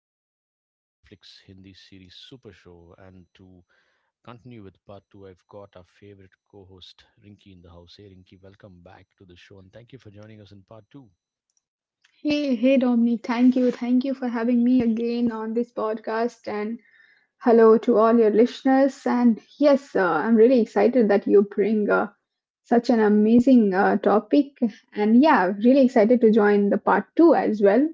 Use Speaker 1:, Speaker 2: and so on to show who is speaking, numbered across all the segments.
Speaker 1: ultimate Netflix Hindi series Super Show. And to continue with part two, I've got our favorite co host Rinky in the house. Hey Rinky, welcome back to the show and thank you for joining us in part two.
Speaker 2: Hey, hey, Dominic, thank you. Thank you for having me again on this podcast. And hello to all your listeners. And yes, I'm really excited that you bring such an amazing topic. And yeah, really excited to join the part two as well.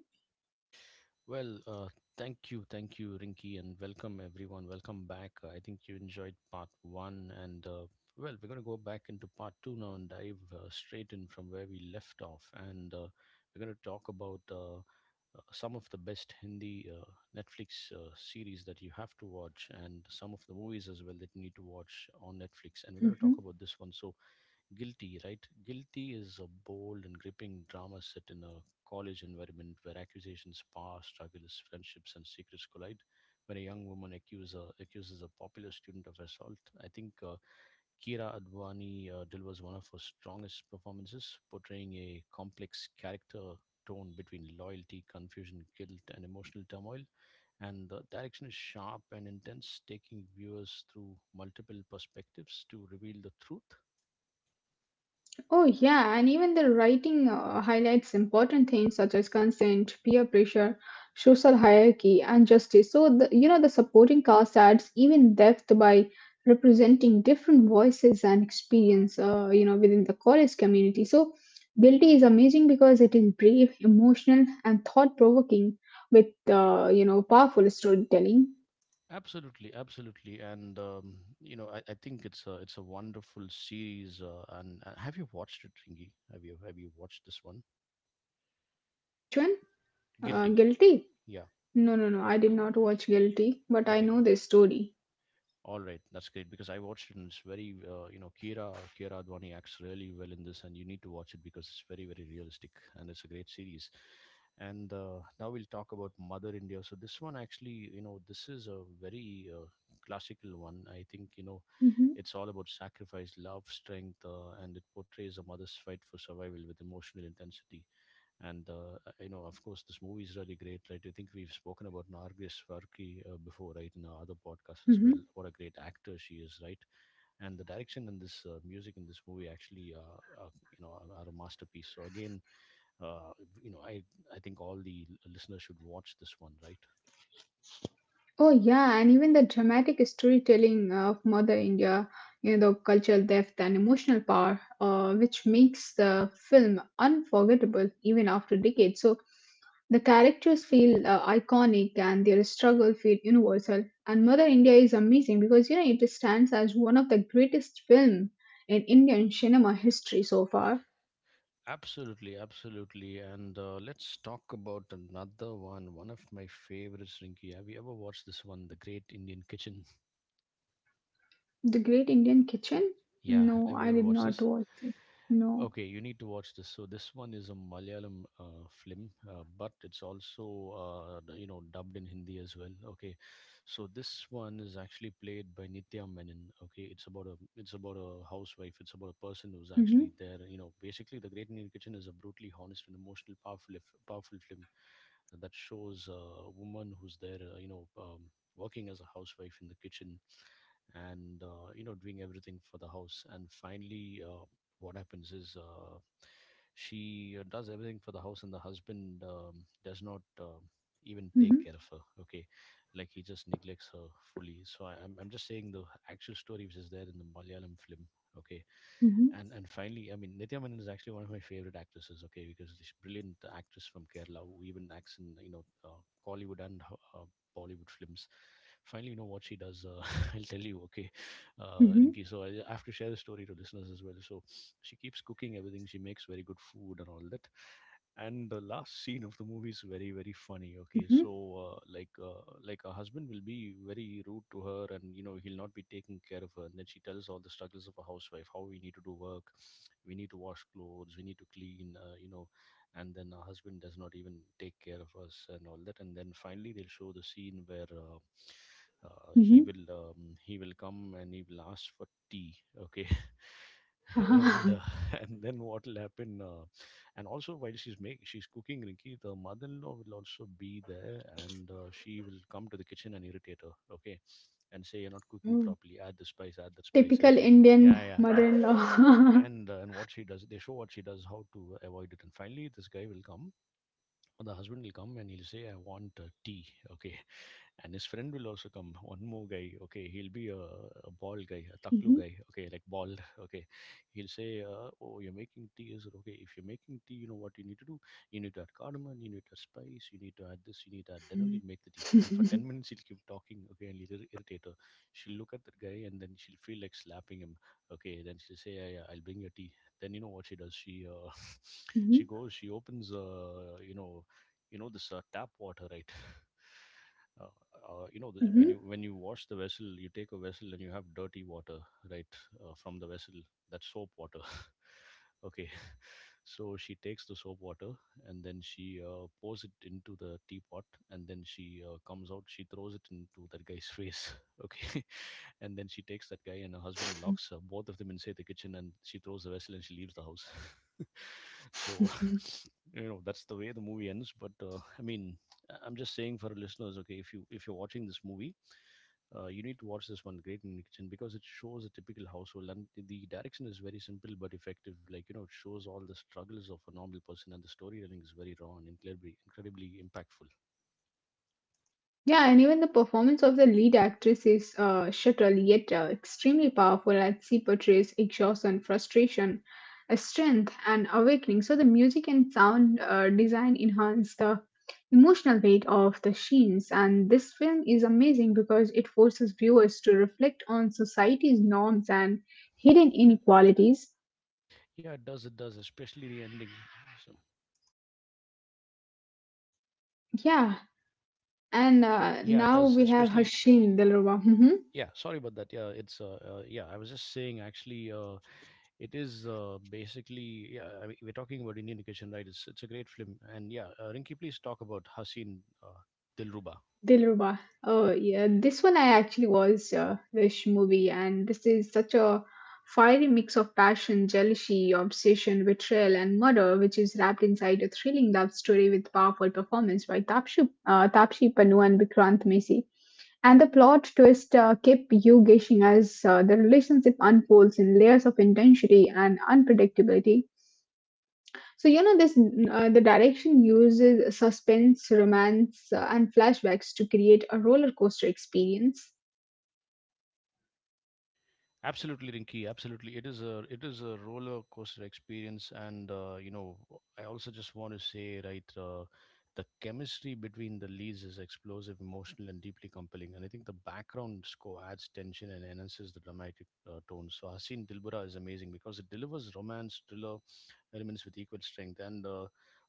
Speaker 1: Well, uh, thank you, Rinky, and welcome everyone. Welcome back. I think you enjoyed part one, and well, we're going to go back into part two now and dive straight in from where we left off. And we're going to talk about some of the best Hindi Netflix series that you have to watch, and some of the movies as well that you need to watch on Netflix. And we're going to talk
Speaker 2: Mhm.
Speaker 1: about this one. So, Guilty, right? Guilty is a bold and gripping drama set in a college environment where accusations, power struggles, friendships, and secrets collide. When a young woman accuser, accuses a popular student of assault, I think Kira Advani delivers one of her strongest performances, portraying a complex character torn between loyalty, confusion, guilt, and emotional turmoil. And the direction is sharp and intense, taking viewers through multiple perspectives to reveal the truth.
Speaker 2: Oh, yeah, and even the writing highlights important themes such as consent, peer pressure, social hierarchy, and justice. So, the supporting cast adds even depth by representing different voices and experience, within the college community. So, Guilty is amazing because it is brave, emotional, and thought provoking with, powerful storytelling.
Speaker 1: Absolutely, absolutely, and you know, I think it's a wonderful series. And have you watched it, Ringy? Have you watched this one?
Speaker 2: Which one?
Speaker 1: Guilty.
Speaker 2: Guilty?
Speaker 1: Yeah.
Speaker 2: No, no, no, I did not watch Guilty, but I
Speaker 1: Okay.
Speaker 2: know this story.
Speaker 1: All right, that's great because I watched it and it's very, you know, Kira Advani acts really well in this, and you need to watch it because it's very, very realistic and it's a great series. And now we'll talk about Mother India. So this one actually, you know, this is a very classical one. I think you know
Speaker 2: Hmm.
Speaker 1: it's all about sacrifice, love, strength, and it portrays a mother's fight for survival with emotional intensity. And you know, of course, this movie is really great, right? I think we've spoken about Nargis Farki before, right, in our other podcasts as well.
Speaker 2: Hmm.
Speaker 1: What a great actor she is, right? And the direction and this music in this movie actually, you know, are a masterpiece. So again, uh, you know, I think all the listeners should watch this one, right?
Speaker 2: Oh yeah, and even the dramatic storytelling of Mother India, you know, the cultural depth and emotional power, which makes the film unforgettable even after decades. So the characters feel iconic and their struggle feel universal. And Mother India is amazing because you know it stands as one of the greatest film in Indian cinema history so far.
Speaker 1: Absolutely, absolutely. And let's talk about another one. One of my favorites, Rinki. Have you ever watched this one, The Great Indian Kitchen?
Speaker 2: The Great Indian Kitchen?
Speaker 1: Yeah,
Speaker 2: No,
Speaker 1: have you
Speaker 2: I
Speaker 1: ever
Speaker 2: did
Speaker 1: watched
Speaker 2: not
Speaker 1: this?
Speaker 2: watch it. No.
Speaker 1: Okay, you need to watch this. So this one is a Malayalam film, but it's also you know dubbed in Hindi as well. Okay, so this one is actually played by Nitya Menon. Okay, it's about a housewife. It's about a person who's
Speaker 2: Mm-hmm,
Speaker 1: actually there. You know, basically, The Great Indian Kitchen is a brutally honest and emotional, powerful if- powerful film that shows a woman who's there. Working as a housewife in the kitchen and you know doing everything for the house and finally what happens is she does everything for the house and the husband does not even take
Speaker 2: mm-hmm,
Speaker 1: care of her. Okay, like he just neglects her fully. So I'm just saying the actual story which is there in the Malayalam film. Okay,
Speaker 2: mm-hmm,
Speaker 1: and finally I mean Nithya Menon is actually one of my favorite actresses. Okay, because this brilliant actress from Kerala who even acts in you know Kollywood and uh, Bollywood films. Finally, you know what she does. I'll tell you, okay,
Speaker 2: mm-hmm,
Speaker 1: Rinki. So I have to share the story to listeners as well. So she keeps cooking everything. She makes very good food and all that. And the last scene of the movie is very, very funny. Okay, so
Speaker 2: mm-hmm,
Speaker 1: like her husband will be very rude to her, and you know he'll not be taking care of her. And then she tells all the struggles of a housewife: how we need to do work, we need to wash clothes, we need to clean. You know, and then her husband does not even take care of us and all that. And then finally they'll show the scene where
Speaker 2: mm-hmm.
Speaker 1: he will come and he will ask for tea. Okay. And and then what will happen, and also while she's cooking Rinki, the mother-in-law will also be there and she will come to the kitchen and irritate her. Okay, and say you're not cooking
Speaker 2: Oh,
Speaker 1: properly, add the spice, add the spice,
Speaker 2: typical
Speaker 1: everything.
Speaker 2: Indian
Speaker 1: Yeah, yeah, yeah.
Speaker 2: mother-in-law.
Speaker 1: And and what she does, they show what she does, how to avoid it. And finally this guy will come, the husband will come and he'll say, I want tea. Okay. And his friend will also come. One more guy. Okay. He'll be a bald guy, a taklu
Speaker 2: Mhm.
Speaker 1: guy. Okay. Like bald. Okay. He'll say, oh, you're making tea. Is it okay? If you're making tea, you know what you need to do? You need to add cardamom. You need to add spice. You need to add this. You need to add. Then only you'll
Speaker 2: Mm.
Speaker 1: make the tea. And for 10 minutes, he'll keep talking. Okay. And he will irritate her. She'll look at that guy and then she'll feel like slapping him. Okay. Then she'll say, yeah, yeah, I'll bring your tea. Then you know what she does? She
Speaker 2: Mhm.
Speaker 1: goes, she opens, you know this tap water, right? uh, you know
Speaker 2: Mhm.
Speaker 1: when you wash the vessel, you take a vessel and you have dirty water, right, from the vessel, that's soap water. Okay. So she takes the soap water and then she pours it into the teapot and then she comes out, she throws it into that guy's face. Okay, and then she takes that guy and her husband, locks both of them inside the kitchen, and she throws the vessel and she leaves the house. So, you know, that's the way the movie ends. But I mean, I am just saying for our listeners, okay, if you're watching this movie, you need to watch this one, Great in the Kitchen, because it shows a typical household and the direction is very simple but effective. Like you know, it shows all the struggles of a normal person and the storytelling is very raw and incredibly impactful.
Speaker 2: Yeah, and even the performance of the lead actress is subtle yet extremely powerful as she portrays exhaustion, frustration, a strength, and awakening. So the music and sound design enhance the emotional weight of the scenes, and this film is amazing because it forces viewers to reflect on society's norms and hidden inequalities.
Speaker 1: Yeah, it does. It does, especially the ending. So.
Speaker 2: Yeah. And
Speaker 1: Yeah it
Speaker 2: now
Speaker 1: does
Speaker 2: we have
Speaker 1: especially
Speaker 2: Hashin Dilruba. Mhm.
Speaker 1: yeah Sorry about that. Yeah it's yeah I was just saying actually, it is basically, yeah, I mean, we're talking about Indian education, right? It's a great film. And Rinki, please talk about Haseen Dilruba.
Speaker 2: Dilruba. Oh, yeah. This one I actually was This movie, and this is such a fiery mix of passion, jealousy, obsession, betrayal, and murder, which is wrapped inside a thrilling love story with powerful performance by Tapshi Pannu and Vikrant Messi. And the plot twist kept you guessing as the relationship unfolds in layers of intensity and unpredictability. So you know this the direction uses suspense, romance, and flashbacks to create a roller coaster experience.
Speaker 1: Absolutely, Rinky. Absolutely, it is a roller coaster experience, and you know, I also just want to say, right, the chemistry between the leads is explosive, emotional, and deeply compelling. And I think the background score adds tension and enhances the dramatic tone. So Haseen Dilbara is amazing because it delivers romance thriller elements with equal strength. And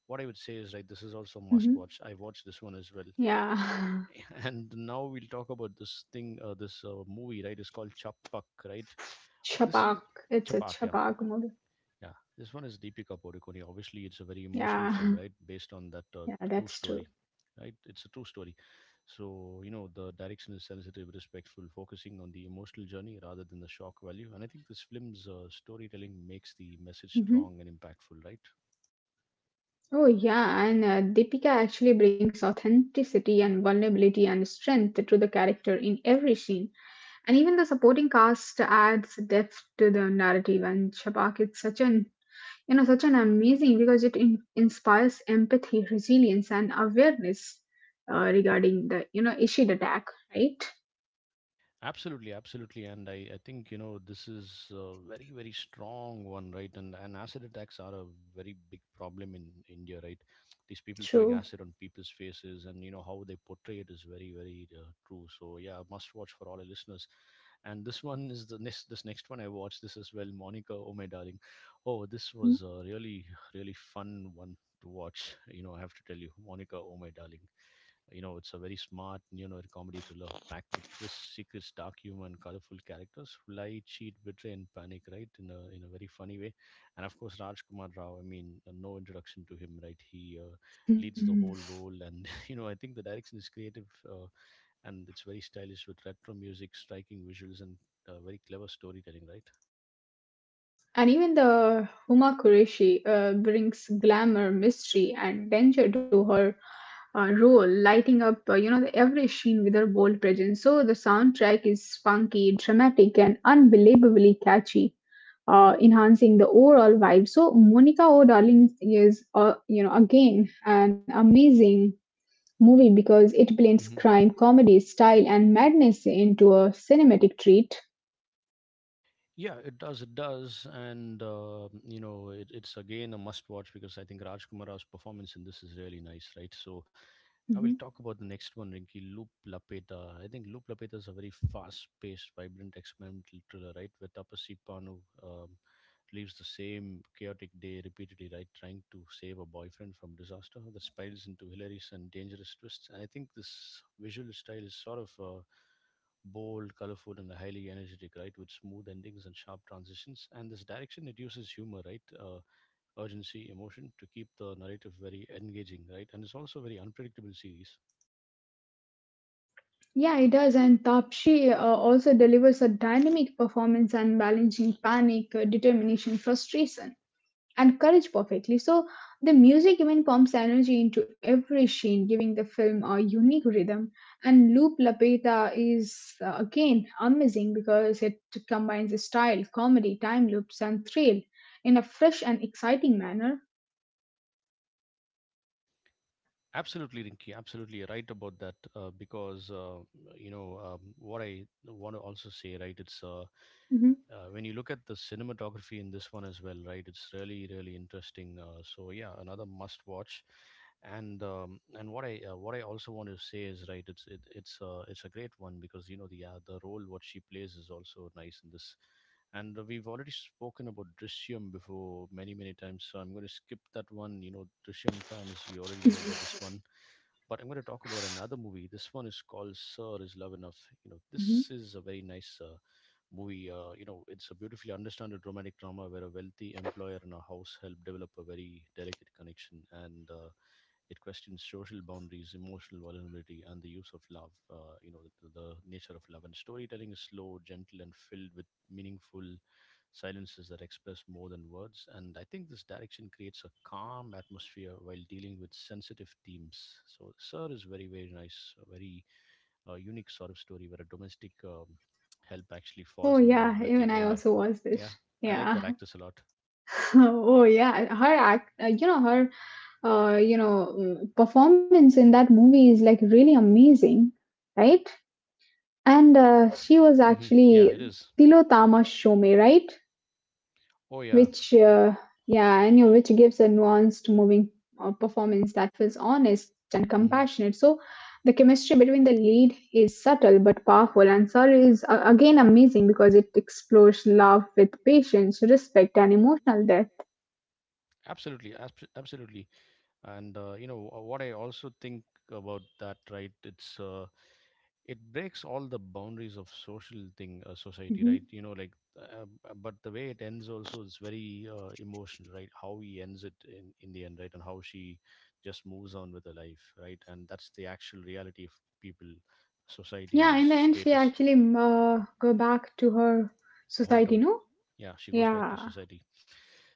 Speaker 1: what I would say is, right, this is also a must
Speaker 2: Hmm.
Speaker 1: watch. I watched this one as well.
Speaker 2: Yeah.
Speaker 1: And now we'll talk about this thing, this movie, right? It's called Chapak, right? This
Speaker 2: Chapak.
Speaker 1: is
Speaker 2: It's a
Speaker 1: Chapak, yeah.
Speaker 2: Chapak movie.
Speaker 1: Yeah, this one is Deepika Padukone. Obviously, it's a very emotional
Speaker 2: Yeah,
Speaker 1: film, right? Based on that
Speaker 2: yeah,
Speaker 1: true
Speaker 2: that's true.
Speaker 1: story, right? It's a true story. So, you know, the direction is sensitive, respectful, focusing on the emotional journey rather than the shock value. And I think this film's storytelling makes the message
Speaker 2: Hmm.
Speaker 1: strong and impactful, right?
Speaker 2: Oh yeah, and Deepika actually brings authenticity and vulnerability and strength to the character in every scene, and even the supporting cast adds depth to the narrative. And Chapak, it's such an, you know, such an amazing because it inspires empathy, resilience, and awareness regarding the, you know, ishid attack, right.
Speaker 1: Absolutely, absolutely, and I think you know this is a very very strong one, right? And acid attacks are a very big problem in India, right? These people throwing
Speaker 2: True.
Speaker 1: acid on people's faces, and you know how they portray it is very very true. So yeah, must watch for all our listeners. And this one is the next, this next one I watched this as well, Monica. Oh my darling, oh this was a really really fun one to watch. You know I have to tell you, Monica. Oh my darling. You know, it's a very smart, you know, comedy thriller packed with twists, secrets, dark humor, and colorful characters who lie, cheat, betray, and panic. Right in a very funny way, and of course, Raj Kumar Rao. I mean, no introduction to him, right? He leads the
Speaker 2: Mhm.
Speaker 1: whole role, and you know, I think the direction is creative and it's very stylish with retro music, striking visuals, and very clever storytelling. Right.
Speaker 2: And even the Huma Qureshi brings glamour, mystery, and danger to her role, lighting up, the every scene with her bold presence. So the soundtrack is funky, dramatic, and unbelievably catchy, enhancing the overall vibe. So Monica O Darling is, again an amazing movie because it blends
Speaker 1: Hmm.
Speaker 2: crime, comedy, style, and madness into a cinematic treat.
Speaker 1: Yeah, it does. It does, and you know, it's again a must-watch because I think Raj Kumar's performance in this is really nice, right? So I will
Speaker 2: Mhm.
Speaker 1: talk about the next one, Rinky Loop Lapeta. I think Loop Lapeta is a very fast-paced, vibrant experimental thriller, right? Where Tapasya Panu um, lives the same chaotic day repeatedly, right? Trying to save a boyfriend from disaster that spirals into hilarious and dangerous twists. And I think this visual style is sort of bold, colorful, and highly energetic, right? With smooth endings and sharp transitions. And this direction, it uses humor, right? Urgency, emotion to keep the narrative very engaging, right? And it's also a very unpredictable series.
Speaker 2: Yeah, it does. And Tapshi also delivers a dynamic performance and balancing panic, determination, frustration, and courage perfectly. So the music even pumps energy into every scene, giving the film a unique rhythm. And Loop Lapeta is, again amazing because it combines style, comedy, time loops, and thrill in a fresh and exciting manner.
Speaker 1: Absolutely, Rinky. Absolutely, you're right about that. Because you know what I want to also say, right? It's
Speaker 2: Mhm,
Speaker 1: When you look at the cinematography in this one as well, right? It's really really interesting. So yeah, another must watch. And what I also want to say is right. It's it, it's It's a great one because you know the role what she plays is also nice in this. And we've already spoken about Drishyam before many many times, so I'm going to skip that one. You know, Drishyam fans, you already know about this one but I'm going to talk about another movie. This one is called Sir is Love Enough. You know,
Speaker 2: mhm.
Speaker 1: this is a very nice movie. You know, it's a beautifully understood romantic drama where a wealthy employer and a house help develop a very delicate connection, and it questions social boundaries, emotional vulnerability, and the use of love. You know, the nature of love and storytelling is slow, gentle, and filled with meaningful silences that express more than words. And I think this direction creates a calm atmosphere while dealing with sensitive themes. So, Sir is very, very nice, very a unique sort of story where a domestic help actually
Speaker 2: Oh
Speaker 1: falls in love
Speaker 2: yeah,
Speaker 1: with
Speaker 2: even
Speaker 1: the
Speaker 2: I
Speaker 1: owner.
Speaker 2: also watched
Speaker 1: Yeah,
Speaker 2: this.
Speaker 1: I like that
Speaker 2: Yeah.
Speaker 1: actress a lot.
Speaker 2: Oh yeah, her act, you know her, you know performance in that movie is like really amazing, right? And she was
Speaker 1: Hmm. Yeah,
Speaker 2: actually
Speaker 1: it is.
Speaker 2: Tilotama Shome, right?
Speaker 1: Oh yeah.
Speaker 2: Which, uh, yeah, I knew, which gives a nuanced, moving performance that feels honest and
Speaker 1: Hmm.
Speaker 2: compassionate. So the chemistry between the lead is subtle but powerful, and Sorry is, again amazing because it explores love with patience, respect, and emotional depth.
Speaker 1: Absolutely, absolutely. And you know what I also think about that right it breaks all the boundaries of social thing society
Speaker 2: Mhm.
Speaker 1: right you know like but the way it ends also is very emotional right how he ends it in the end right and how she just moves on with her life right and that's the actual reality of people society
Speaker 2: Yeah,
Speaker 1: and
Speaker 2: in
Speaker 1: the
Speaker 2: the end, she
Speaker 1: status
Speaker 2: actually go back to her
Speaker 1: hometown.
Speaker 2: society, no?
Speaker 1: Yeah, she goes back to
Speaker 2: Yeah.
Speaker 1: society.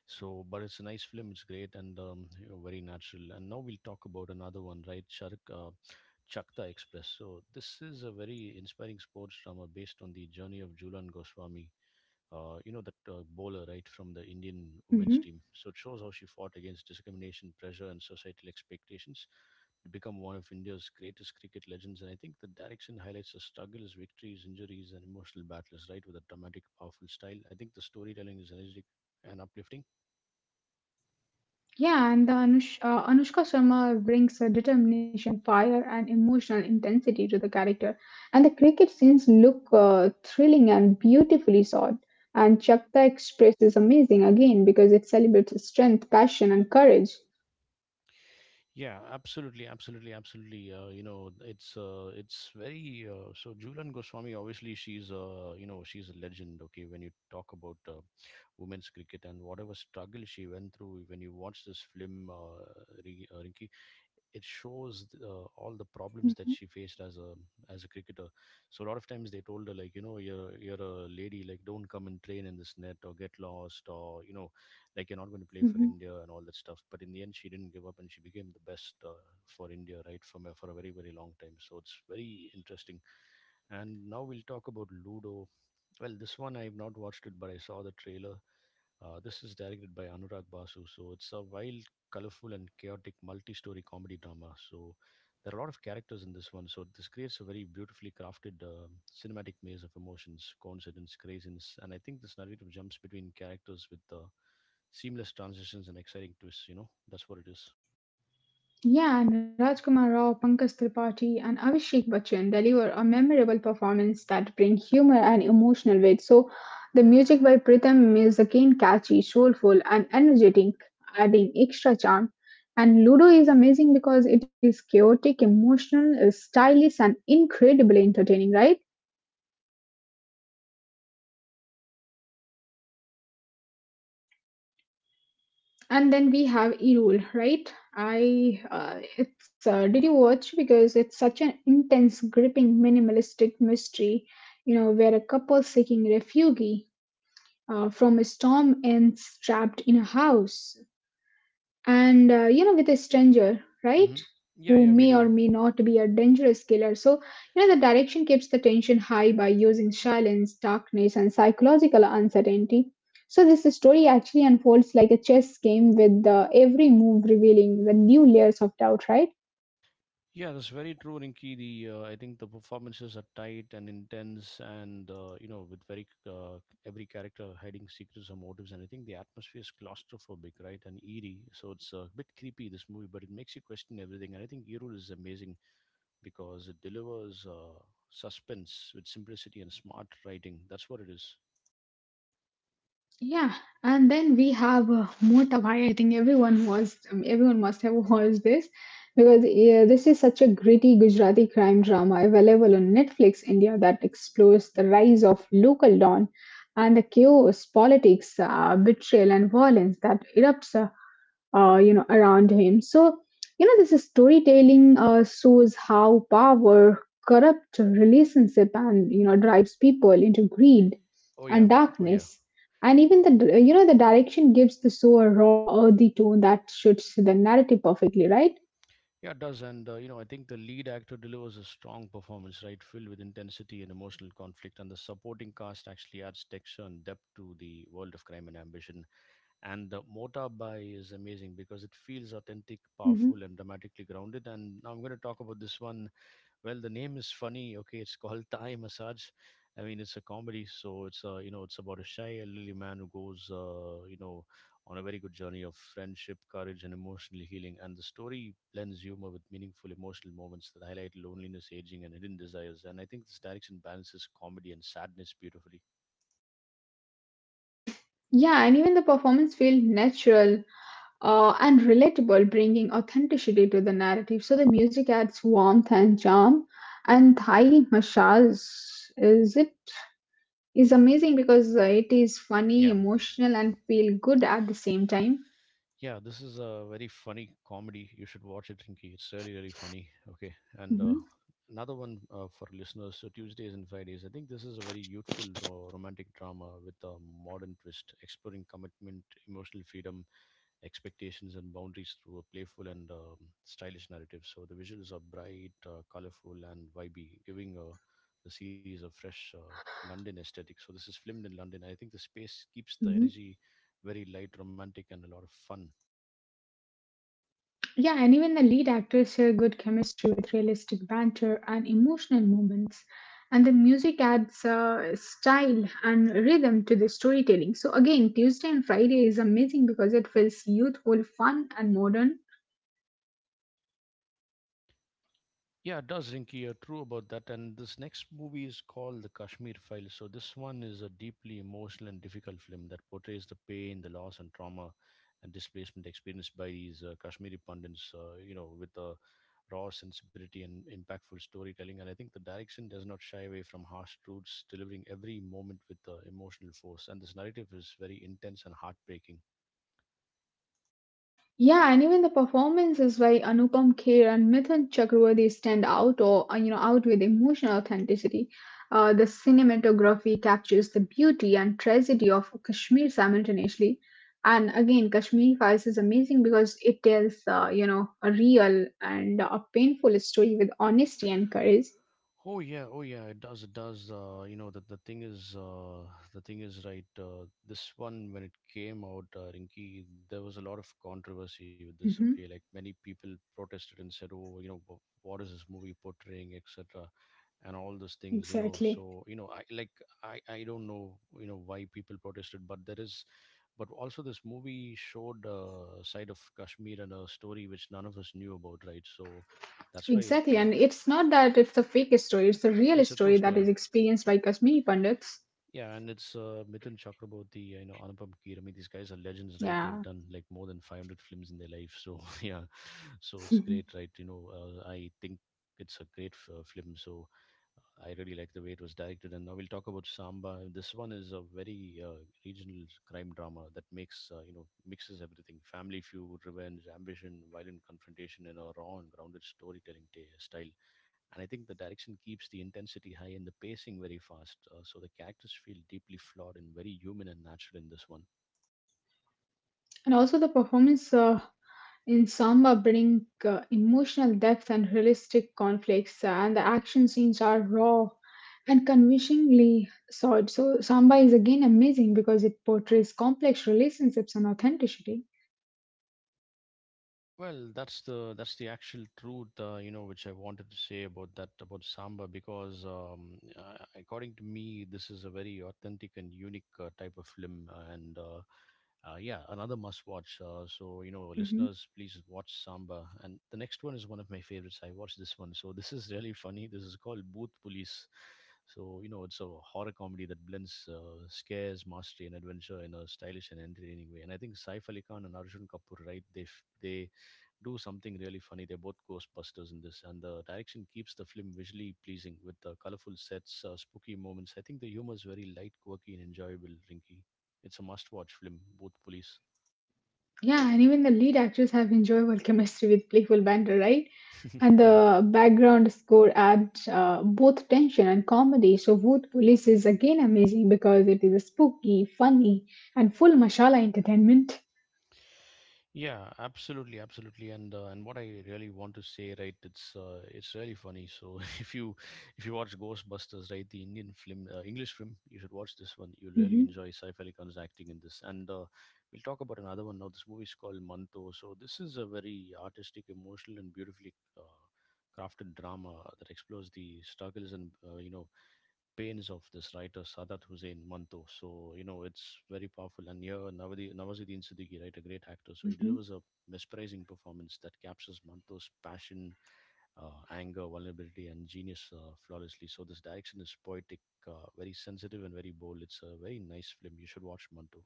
Speaker 1: So, but it's a nice film. It's great and you know, very natural. And now we'll talk about another one, right? Shark, Chakta Express. So this is a very inspiring sports drama based on the journey of Julan Goswami, you know that bowler right from the Indian women's
Speaker 2: Mhm.
Speaker 1: team. So it shows how she fought against discrimination, pressure, and societal expectations to become one of India's greatest cricket legends. And I think the direction highlights the struggles, victories, injuries, and emotional battles, right, with a dramatic, powerful style. I think the storytelling is energetic and uplifting.
Speaker 2: Yeah, and the Anushka Sharma brings a determination, fire, and emotional intensity to the character. And the cricket scenes look thrilling and beautifully shot. And Chakta Express is amazing again because it celebrates strength, passion, and courage.
Speaker 1: Yeah, absolutely, absolutely, absolutely. You know, it's very So. Julian Goswami, obviously, she's you know, she's a legend. Okay, when you talk about women's cricket and whatever struggle she went through, when you watch this film, Rinki, it shows all the problems that
Speaker 2: Mhm.
Speaker 1: she faced as a cricketer. So a lot of times they told her like, you know, you're a lady, like don't come and train in this net or get lost or you know like you're not going to play for
Speaker 2: Mhm.
Speaker 1: India and all that stuff. But in the end, she didn't give up and she became the best for India, right, from a, for a very very long time. So it's very interesting. And now we'll talk about Ludo, well, this one I've not watched it, but I saw the trailer. This is directed by Anurag Basu, so it's a wild, colorful, and chaotic multi-story comedy drama. So there are a lot of characters in this one. So this creates a very beautifully crafted cinematic maze of emotions, coincidence, craziness, and I think this narrative jumps between characters with seamless transitions and exciting twists. You know, that's what it is.
Speaker 2: Yeah, and Rajkumar Rao, Pankaj Tripathi, and Abhishek Bachchan deliver a memorable performance that bring humor and emotional weight. So, the music by Pritham is again catchy, soulful, and energetic, adding extra charm. And Ludo is amazing because it is chaotic, emotional, stylish, and incredibly entertaining, right? And then we have Irul, right? I it's Did you watch because it's such an intense, gripping, minimalistic mystery, you know, where a couple seeking refuge from a storm ends trapped in a house and, with a stranger, right,
Speaker 1: Mm-hmm.
Speaker 2: who
Speaker 1: Yeah, yeah,
Speaker 2: may
Speaker 1: we
Speaker 2: or
Speaker 1: do.
Speaker 2: may not be a dangerous killer. So you know the direction keeps the tension high by using silence, darkness, and psychological uncertainty. So this story actually unfolds like a chess game with the every move revealing the new layers of doubt, right.
Speaker 1: Yeah, that's very true, Rinki. The I think the performances are tight and intense, and you know, with very every character hiding secrets or motives, and I think the atmosphere is claustrophobic, right, and eerie. So it's a bit creepy this movie, but it makes you question everything. And I think Erul is amazing because it delivers suspense with simplicity and smart writing. That's what it is.
Speaker 2: Yeah, and then we have Motawai. I think everyone was everyone must have watched this because yeah, this is such a gritty Gujarati crime drama available on Netflix India that explores the rise of local don and the chaos, politics, betrayal, and violence that erupts, around him. So you know this storytelling shows how power corrupt relationship and you know drives people into greed
Speaker 1: Oh yeah,
Speaker 2: and
Speaker 1: oh yeah.
Speaker 2: darkness. And even, the you know, the direction gives the show a raw, earthy tone that suits the narrative perfectly, right.
Speaker 1: Yeah, it does. And, you know, I think the lead actor delivers a strong performance, right? Filled with intensity and emotional conflict. And the supporting cast actually adds texture and depth to the world of crime and ambition. And the Mota Bai is amazing because it feels authentic,
Speaker 2: Hmm.
Speaker 1: powerful, and dramatically grounded. And now I'm going to talk about this one well, the name is funny. Okay, it's called Thai Massage. I mean, it's a comedy, so it's you know, it's about a shy elderly man who goes, you know, on a very good journey of friendship, courage, and emotional healing. And the story blends humor with meaningful emotional moments that highlight loneliness, aging, and hidden desires. And I think this direction balances comedy and sadness beautifully.
Speaker 2: Yeah, and even the performance felt natural and relatable, bringing authenticity to the narrative. So the music adds warmth and charm. And Thai massage is it is amazing because it is funny,
Speaker 1: Yeah.
Speaker 2: emotional, and feel good at the same time.
Speaker 1: Yeah, this is a very funny comedy. You should watch it, Rinky. It's really, really funny. Okay. And
Speaker 2: Hmm.
Speaker 1: another one for listeners so Tuesdays and Fridays. I think this is a very youthful romantic drama with a modern twist, exploring commitment, emotional freedom, expectations, and boundaries through a playful and stylish narrative. So the visuals are bright, colorful, and vibey, giving the series a fresh London aesthetic. So this is filmed in London. I think the space keeps the
Speaker 2: Hmm.
Speaker 1: energy very light, romantic, and a lot of fun.
Speaker 2: Yeah, and even the lead actors share good chemistry with realistic banter and emotional moments. And the music adds style and rhythm to the storytelling. So, again, Tuesday and Friday is amazing because it feels youthful, fun, and modern.
Speaker 1: Yeah, it does, Rinky. You're true about that. And this next movie is called The Kashmir Files. So, this one is a deeply emotional and difficult film that portrays the pain, the loss, and trauma and displacement experienced by these Kashmiri pundits, you know, with a raw sensibility and impactful storytelling. And I think the direction does not shy away from harsh truths, delivering every moment with emotional force. And this narrative is very intense and heartbreaking.
Speaker 2: Yeah, and even the performances by Anupam Kher and Mithun Chakravarti stand out or, out with emotional authenticity. The cinematography captures the beauty and tragedy of Kashmir simultaneously. And again, Kashmir Files is amazing because it tells, a real and a painful story with honesty and courage.
Speaker 1: Oh yeah, oh yeah, it does, it does. The thing is, right. This one, when it came out, Rinki, there was a lot of controversy with this. Okay,
Speaker 2: Mhm.
Speaker 1: like many people protested and said, "Oh, you know, what is this movie portraying, etc." And all those things you know.
Speaker 2: Exactly.
Speaker 1: So you know I like I don't know you know why people protested but there is but also this movie showed a side of Kashmir and a story which none of us knew about right so that's why
Speaker 2: Exactly, and it's not that it's a fake story; it's a real
Speaker 1: it's a true
Speaker 2: story that
Speaker 1: story.
Speaker 2: is experienced by Kashmiri Pandits.
Speaker 1: Yeah, and it's Mithun Chakraborty, you know, Anupam Kher. I mean, these guys are legends, right? They've
Speaker 2: Yeah.
Speaker 1: done like more than 500 films in their life. So, yeah, so it's great, right? You know, I think it's a great f- film. So, I really like the way it was directed. And now we'll talk about Samba. This one is a very regional crime drama that makes you know mixes everything: family feud, revenge, ambition, violent confrontation in a raw and grounded storytelling ta style. And I think the direction keeps the intensity high and the pacing very fast, so the characters feel deeply flawed and very human and natural in this one.
Speaker 2: And also, the performance in Samba bring emotional depth and realistic conflicts, and the action scenes are raw and convincingly sought. So, Samba is again amazing because it portrays complex relationships and authenticity.
Speaker 1: Well, that's the actual truth, you know, which I wanted to say about that about Samba because, according to me, this is a very authentic and unique type of film, and yeah, another must watch. So, you know,
Speaker 2: Mhm.
Speaker 1: listeners, please watch Samba. And the next one is one of my favorites. I watched this one. So, this is really funny. This is called Booth Police. So, you know, it's a horror comedy that blends scares, mastery, and adventure in a stylish and entertaining way. And I think Saif Ali Khan and Arjun Kapoor, right? They do something really funny. They're both Ghostbusters in this, and the direction keeps the film visually pleasing with the colorful sets, spooky moments. I think the humor is very light, quirky, and enjoyable, Rinky. It's a must-watch film, both police.
Speaker 2: Yeah, and even the lead actors have enjoyable chemistry with playful banter, right? And
Speaker 1: Yeah.
Speaker 2: the background score adds both tension and comedy. So, Bhoot Police is again amazing because it is spooky, funny, and full mashallah entertainment.
Speaker 1: Yeah, absolutely, absolutely, and what I really want to say, right? It's really funny. So if you watch Ghostbusters, right, the Indian film, English film, you should watch this one. You'll really
Speaker 2: Mhm.
Speaker 1: enjoy Saif Ali Khan's acting in this, and we'll talk about another one now. This movie is called Manto. So this is a very artistic, emotional, and beautifully crafted drama that explores the struggles and pains of this writer Sadat Hussain Manto. So you know it's very powerful. And here Nawazuddin Siddiqui, right, a great actor. So he
Speaker 2: Hmm.
Speaker 1: delivers a mesmerizing performance that captures Manto's passion, anger, vulnerability, and genius flawlessly. So this direction is poetic, very sensitive, and very bold. It's a very nice film. You should watch Manto.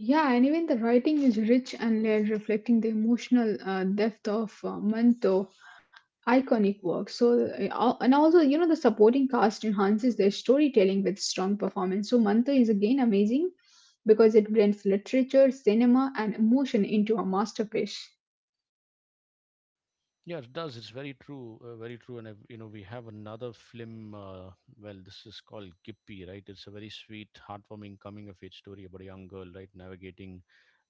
Speaker 2: Yeah, and even the writing is rich and layered, reflecting the emotional depth of Manto. Iconic work. So, and also, you know, the supporting cast enhances their storytelling with strong performance. So, Manta is again amazing because it blends literature, cinema, and emotion into a masterpiece.
Speaker 1: Yeah, it does. It's very true, very true. And we have another film. Well, this is called Gippy, right? It's a very sweet, heartwarming coming-of-age story about a young girl, right, navigating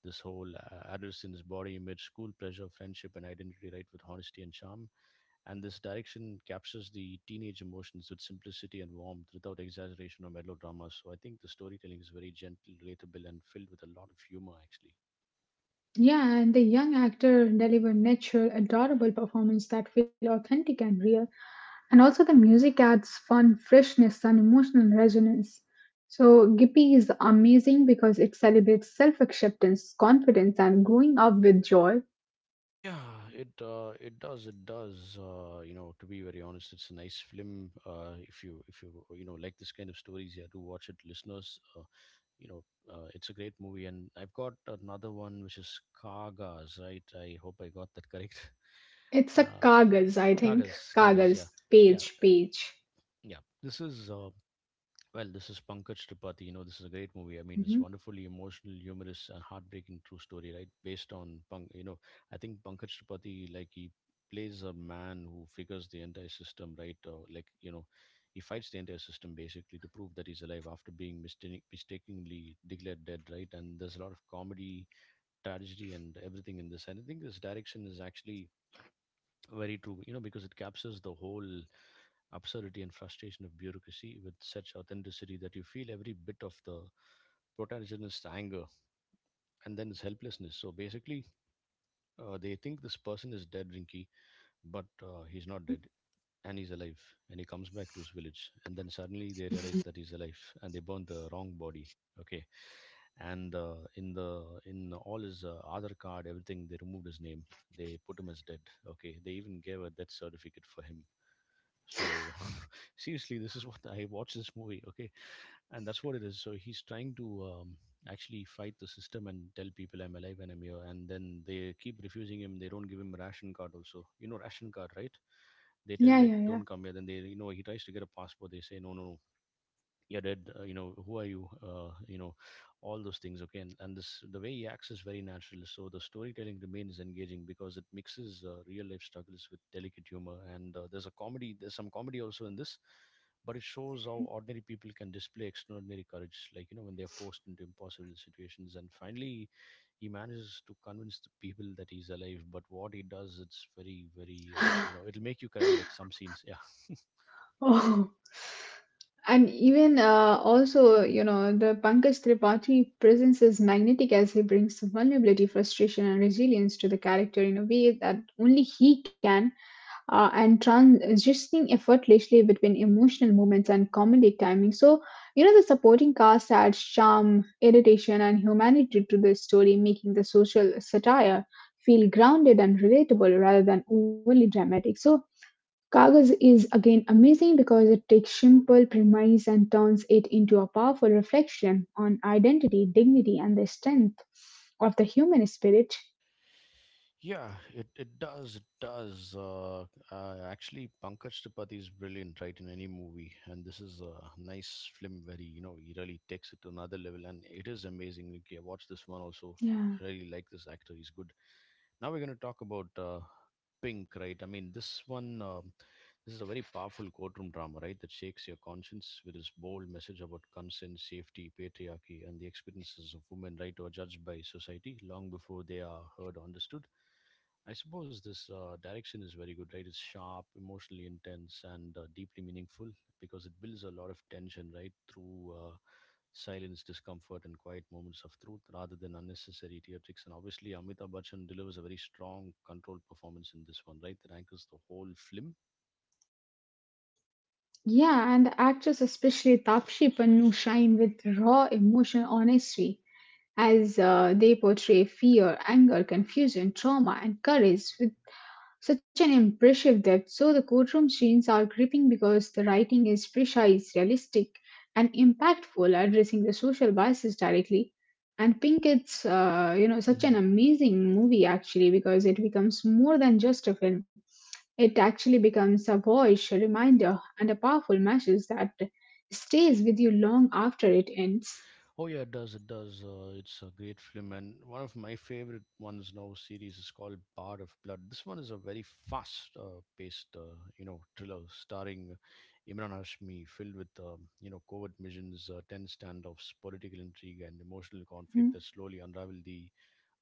Speaker 1: this whole adolescence, body image, school pressure, friendship, and identity, right, with honesty and charm. And this direction captures the teenage emotions with simplicity and warmth, without exaggeration or melodrama. So I think the storytelling is very gentle, relatable, and filled with a lot of humor, actually.
Speaker 2: Yeah, and the young actor delivered natural, adorable performance that feel authentic and real. And also, the music adds fun, freshness, and emotional resonance. So, Gippy is amazing because it celebrates self acceptance, confidence, and growing up with joy.
Speaker 1: Yeah, it does. It does. You know, to be very honest, it's a nice film. If you you know like this kind of stories, yeah, do watch it, listeners. You know, it's a great movie, and I've got another one which is Kagas, right? I hope I got that correct.
Speaker 2: It's a
Speaker 1: Uh,
Speaker 2: Kagaz, I think.
Speaker 1: Kagas,
Speaker 2: Kagaz,
Speaker 1: yeah, yeah,
Speaker 2: page, page.
Speaker 1: yeah. This is this is Pankaj Tripathi. You know, this is a great movie. I mean, it's
Speaker 2: Hmm.
Speaker 1: wonderfully emotional, humorous, and heartbreaking true story, right? Based on I think Pankaj Tripathi, like he plays a man who figures the entire system, right? He fights the entire system basically to prove that he's alive after being mistakenly declared dead, right? And there's a lot of comedy, tragedy, and everything in this. And I think this direction is actually very true, you know, because it captures the whole absurdity and frustration of bureaucracy with such authenticity that you feel every bit of the protagonist's anger and then his helplessness. So basically, they think this person is dead, Rinky, but he's not
Speaker 2: Hmm.
Speaker 1: dead and he's alive. And he comes back to his village, and then suddenly they realize that he's alive and they burn the wrong body. Okay, and in all his other card, everything they removed his name. They put him as dead. Okay, they even gave a death certificate for him. So seriously, this is what I watched this movie, okay, and that's what it is. So he's trying to actually fight the system and tell people I'm alive and I'm here, and then they keep refusing him. They don't give him ration card. Also, you know ration card, right? They
Speaker 2: Yeah,
Speaker 1: tell like
Speaker 2: yeah,
Speaker 1: don't come here. Then they, you know, he tries to get a passport. They say no, no, no, you're dead you know who are you you know all those things, okay. And this the way he acts is very natural, so the storytelling remains engaging because it mixes real life struggles with delicate humor, and there's some comedy also in this, but it shows how ordinary people can display extraordinary courage, like you know, when they're forced into impossible situations, and finally he manages to convince the people that he's alive. But what he does, it's very very
Speaker 2: yeah.
Speaker 1: it'll make you cry, like some scenes, yeah.
Speaker 2: Oh, and even, also, you know, the Pankaj Tripathi presence is magnetic as he brings vulnerability, frustration, and resilience to the character in a way that only he can, and transitioning effortlessly between emotional moments and comedic timing. So, you know, the supporting cast adds charm, irritation, and humanity to the story, making the social satire feel grounded and relatable rather than overly dramatic. So, Kagaz is again amazing because it takes simple premise and turns it into a powerful reflection on identity, dignity, and the strength of the human spirit.
Speaker 1: Yeah, it does. It does. Actually, Pankaj Tripathi is brilliant, right, in any movie. And this is a nice film where he, you know, he really takes it to another level. And it is amazing. Like, yeah, watch this one also. I
Speaker 2: Yeah.
Speaker 1: really like this actor. He's good. Now we're going to talk about Pink, right? I mean, this one. This is a very powerful courtroom drama, right? That shakes your conscience with its bold message about consent, safety, patriarchy, and the experiences of women, right, who are judged by society long before they are heard or understood. I suppose this direction is very good, right? It's sharp, emotionally intense, and deeply meaningful because it builds a lot of tension, right, through silence, discomfort, and quiet moments of truth rather than unnecessary theatrics. And obviously, Amitabh Bachchan delivers a very strong, controlled performance in this one, right, that anchors the whole film.
Speaker 2: Yeah, and the actress, especially Tapshi Pannu, shine with raw emotional honesty as they portray fear, anger, confusion, trauma, and courage such an impressive depth. So the courtroom scenes are gripping because the writing is precise, realistic, and impactful, addressing the social biases directly. And Pinkett's, such
Speaker 1: hmm
Speaker 2: an amazing movie actually because it becomes more than just a film. It actually becomes a voice, a reminder, and a powerful message that stays with you long after it ends.
Speaker 1: Oh yeah, it does. It does. It's a great film, and one of my favorite ones now series is called Bar of Blood. This one is a very fast-paced, you know, thriller starring Imran Hashmi, filled with you know covert missions, tense standoffs, political intrigue, and emotional conflict that slowly unravel the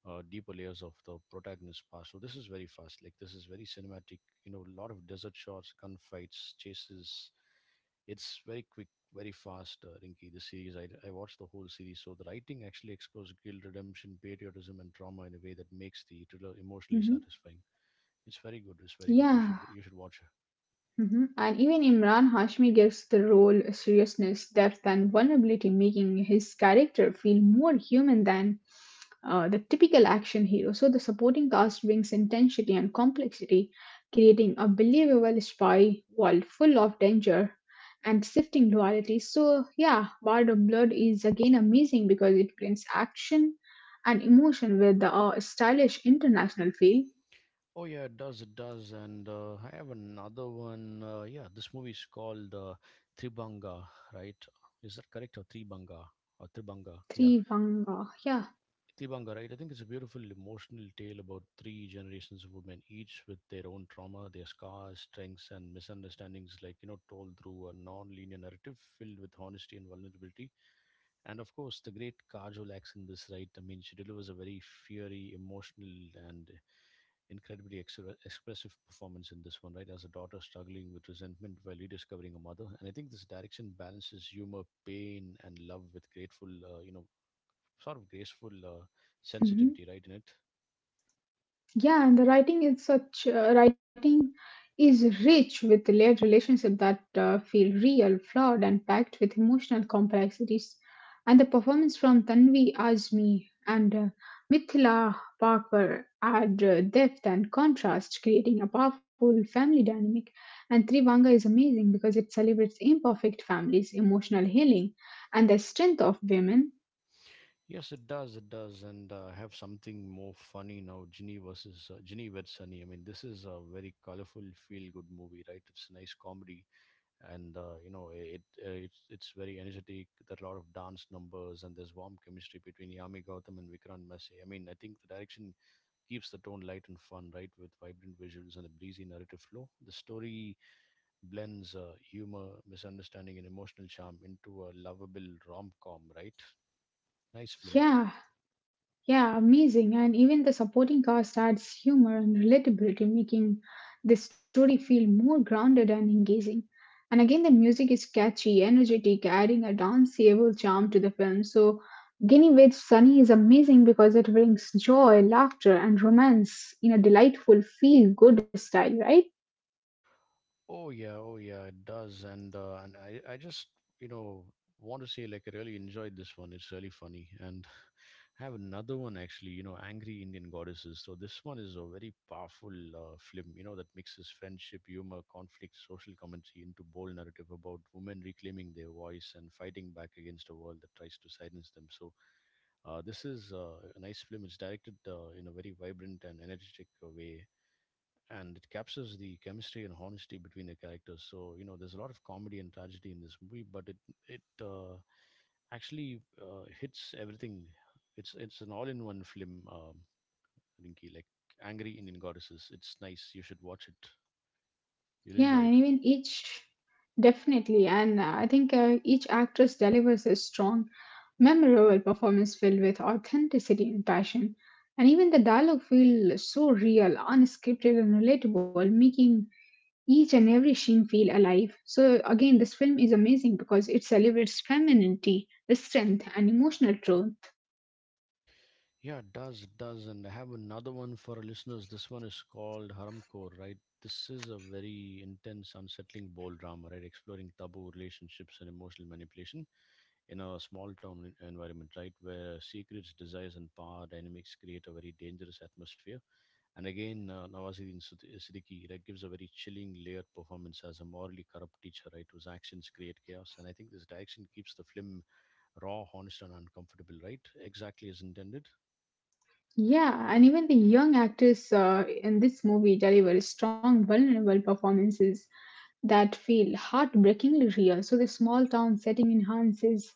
Speaker 1: deeper layers of the protagonist's past. So this is very fast. Like this is very cinematic. You know, a lot of desert shots, gunfights, chases. It's very quick, very fast. Rinky, this series I watched the whole series. So the writing actually explores guilt, redemption, patriotism, and trauma in a way that makes the thriller emotionally
Speaker 2: Mm-hmm.
Speaker 1: satisfying. It's very good. It's very good. You
Speaker 2: Yeah.
Speaker 1: should you should watch it.
Speaker 2: Mhm. And even Imran Hashmi gives the role a seriousness, depth, and vulnerability, making his character feel more human than the typical action hero. So the supporting cast brings intensity and complexity, creating a believable spy world full of danger and shifting duality. So yeah, Bard of Blood is again amazing because it blends action and emotion with the stylish international feel.
Speaker 1: Oh yeah, it does. It does. And I have another one. Yeah, this movie is called Tribanga, right? Is that correct, or Tribanga or Tribanga? Yeah,
Speaker 2: Three Vanga, yeah.
Speaker 1: Tibanga, right? I think it's a beautiful emotional tale about three generations of women, each with their own trauma, their scars, strengths, and misunderstandings, like, you know, told through a non linear narrative filled with honesty and vulnerability. And of course, the great Kajol acts in this, right? I mean, she delivers a very fiery, emotional, and incredibly expressive performance in this one, right? As a daughter struggling with resentment while rediscovering a mother, and I think this direction balances humor, pain, and love with grateful, you know, sort of graceful sensitivity,
Speaker 2: Mm-hmm.
Speaker 1: right? In it.
Speaker 2: Yeah, and the writing is such writing is rich with layered relationships that feel real, flawed, and packed with emotional complexities. And the performance from Tanvi Azmi and Mithila Parker add depth and contrast, creating a powerful family dynamic. And Trivanga is amazing because it celebrates imperfect families, emotional healing, and the strength of women.
Speaker 1: Yes, it does. It does, and have something more funny now. Ginny versus Ginny with Sunny. I mean, this is a very colorful, feel-good movie, right? It's a nice comedy, and it's very energetic. There are a lot of dance numbers, and there's warm chemistry between Yami Gautam and Vikrant Massey. I mean, I think the direction keeps the tone light and fun, right, with vibrant visuals and a breezy narrative flow. The story blends humor, misunderstanding, and emotional charm into a lovable rom com, right? Nice film.
Speaker 2: Yeah. Yeah, amazing. And even the supporting cast adds humor and relatability, making the story feel more grounded and engaging. And again, the music is catchy, energetic, adding a danceable charm to the film. So, Guinea Witch Sunny is amazing because it brings joy, laughter, and romance in a delightful, feel good style, right?
Speaker 1: Oh yeah, oh yeah, it does, and I just you know want to say like I really enjoyed this one. It's really funny, and I have another one actually. You know, Angry Indian Goddesses. So this one is a very powerful film. You know that mixes friendship, humor, conflict, social commentary into bold narrative about women reclaiming their voice and fighting back against a world that tries to silence them. So this is a nice film. It's directed in a very vibrant and energetic way, and it captures the chemistry and honesty between the characters. So you know, there's a lot of comedy and tragedy in this movie, but it actually hits everything. It's an all-in-one film, Rinky. Like Angry Indian Goddesses. It's nice. You should watch it. You'll
Speaker 2: Yeah, and
Speaker 1: enjoy it.
Speaker 2: even each Definitely, and I think each actress delivers a strong, memorable performance filled with authenticity and passion, and even the dialogue feel so real, unscripted, and relatable, making each and every scene feel alive. So again, this film is amazing because it celebrates femininity, the strength, and emotional truth.
Speaker 1: Yeah, it does. It does. And I have another one for our listeners. This one is called Haramcore, right? This is a very intense, unsettling bold drama, right? Exploring taboo relationships and emotional manipulation in a small town environment, right? Where secrets, desires, and power dynamics create a very dangerous atmosphere. And again, Nawazuddin Siddiqui, right, gives a very chilling, layered performance as a morally corrupt teacher, right, whose actions create chaos. And I think this direction keeps the film raw, honest, and uncomfortable, right? Exactly as intended.
Speaker 2: Yeah, and even the young actors in this movie deliver strong, vulnerable performances that feel heartbreakingly real. So the small town setting enhances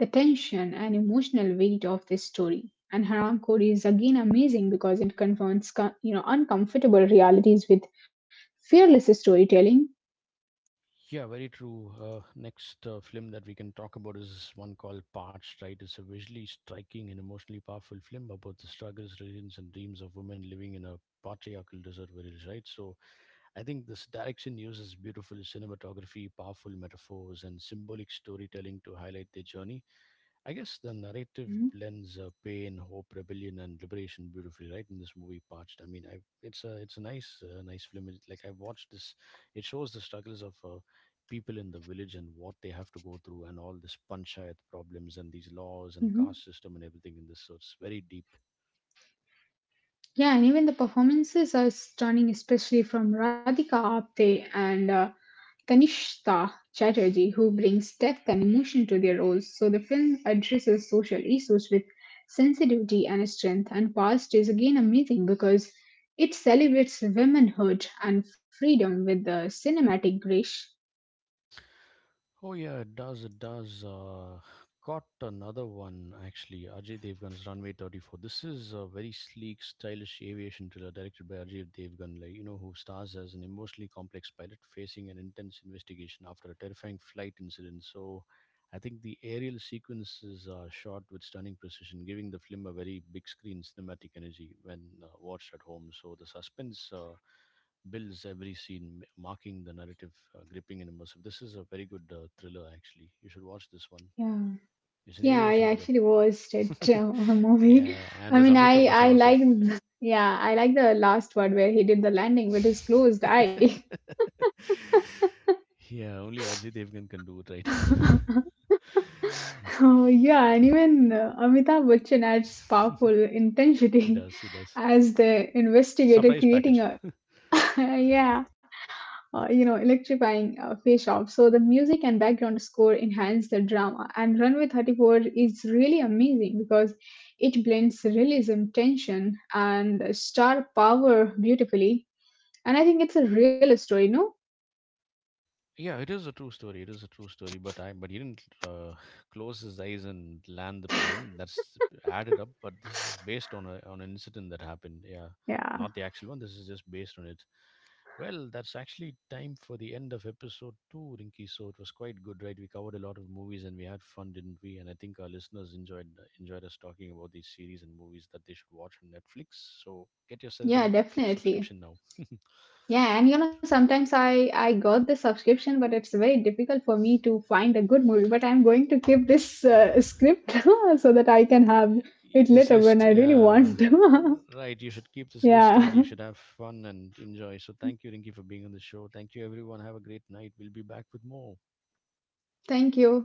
Speaker 2: the tension and emotional weight of this story. And Haram Code is again amazing because it confronts you know uncomfortable realities with fearless storytelling.
Speaker 1: Yeah, very true. Next film that we can talk about is one called Parched, right? It's a visually striking and emotionally powerful film about the struggles, resilience, and dreams of women living in a patriarchal desert village, right? So I think this direction uses beautiful cinematography, powerful metaphors, and symbolic storytelling to highlight their journey. I guess the narrative
Speaker 2: Hmm.
Speaker 1: blends pain, hope, rebellion, and liberation beautifully, right? In this movie, Parched. I mean, I It's a nice nice film. It, like I watched this, it shows the struggles of people in the village and what they have to go through, and all this panchayat problems and these laws and
Speaker 2: Hmm.
Speaker 1: caste system and everything in this. So it's very deep.
Speaker 2: Yeah, and even the performances are stunning, especially from Radhika Apte and Kanishka Chatterjee, who brings depth and emotion to their roles. So the film addresses social issues with sensitivity and strength. And Past is again amazing because it celebrates womanhood and freedom with the cinematic grace.
Speaker 1: Oh yeah, it does. It does. Got another one actually. Ajay Devgan's Runway 34. This is a very sleek, stylish aviation thriller directed by Ajay Devgan, like you know, who stars as an emotionally complex pilot facing an intense investigation after a terrifying flight incident. So, I think the aerial sequences are shot with stunning precision, giving the film a very big screen cinematic energy when watched at home. So the suspense. Builds every scene, marking the narrative gripping and immersive. This is a very good thriller, actually. You should watch this one.
Speaker 2: Yeah,
Speaker 1: It's an
Speaker 2: yeah, I
Speaker 1: aviation thriller.
Speaker 2: actually watched it a movie.
Speaker 1: Yeah, and
Speaker 2: I
Speaker 1: there's
Speaker 2: mean,
Speaker 1: Amitabh Bachchan
Speaker 2: I
Speaker 1: also.
Speaker 2: like Yeah, I like the last one where he did the landing with his closed eye.
Speaker 1: Yeah, only Ajit Devgan can do it, right?
Speaker 2: Yeah, and even Amitabh Bachchan adds powerful
Speaker 1: He
Speaker 2: intensity
Speaker 1: does, he does.
Speaker 2: as the investigator,
Speaker 1: Surprise
Speaker 2: creating
Speaker 1: package.
Speaker 2: a yeah, electrifying face off. So the music and background score enhance the drama, and Runway 34 is really amazing because it blends realism, tension, and star power beautifully. And I think it's a real story, no?
Speaker 1: Yeah, it is a true story. It is a true story. But he didn't close his eyes and land the plane. That's added up. But this is based on a on an incident that happened. Yeah,
Speaker 2: Yeah,
Speaker 1: not the actual one. This is just based on it. Well, that's actually time for the end of episode two, Rinky. So it was quite good, right? We covered a lot of movies and we had fun, didn't we? And I think our listeners enjoyed us talking about these series and movies that they should watch on Netflix. So get yourself a
Speaker 2: yeah,
Speaker 1: Netflix
Speaker 2: definitely.
Speaker 1: subscription now.
Speaker 2: Yeah, and you know, sometimes I got the subscription, but it's very difficult for me to find a good movie. But I'm going to keep this script so that I can have it
Speaker 1: This
Speaker 2: later when
Speaker 1: list
Speaker 2: I really
Speaker 1: yeah
Speaker 2: want to.
Speaker 1: right you should keep this list and
Speaker 2: Yeah.
Speaker 1: you should have fun and enjoy so thank you rinki for being on the show thank you everyone have a great night we'll be back with more
Speaker 2: Thank you.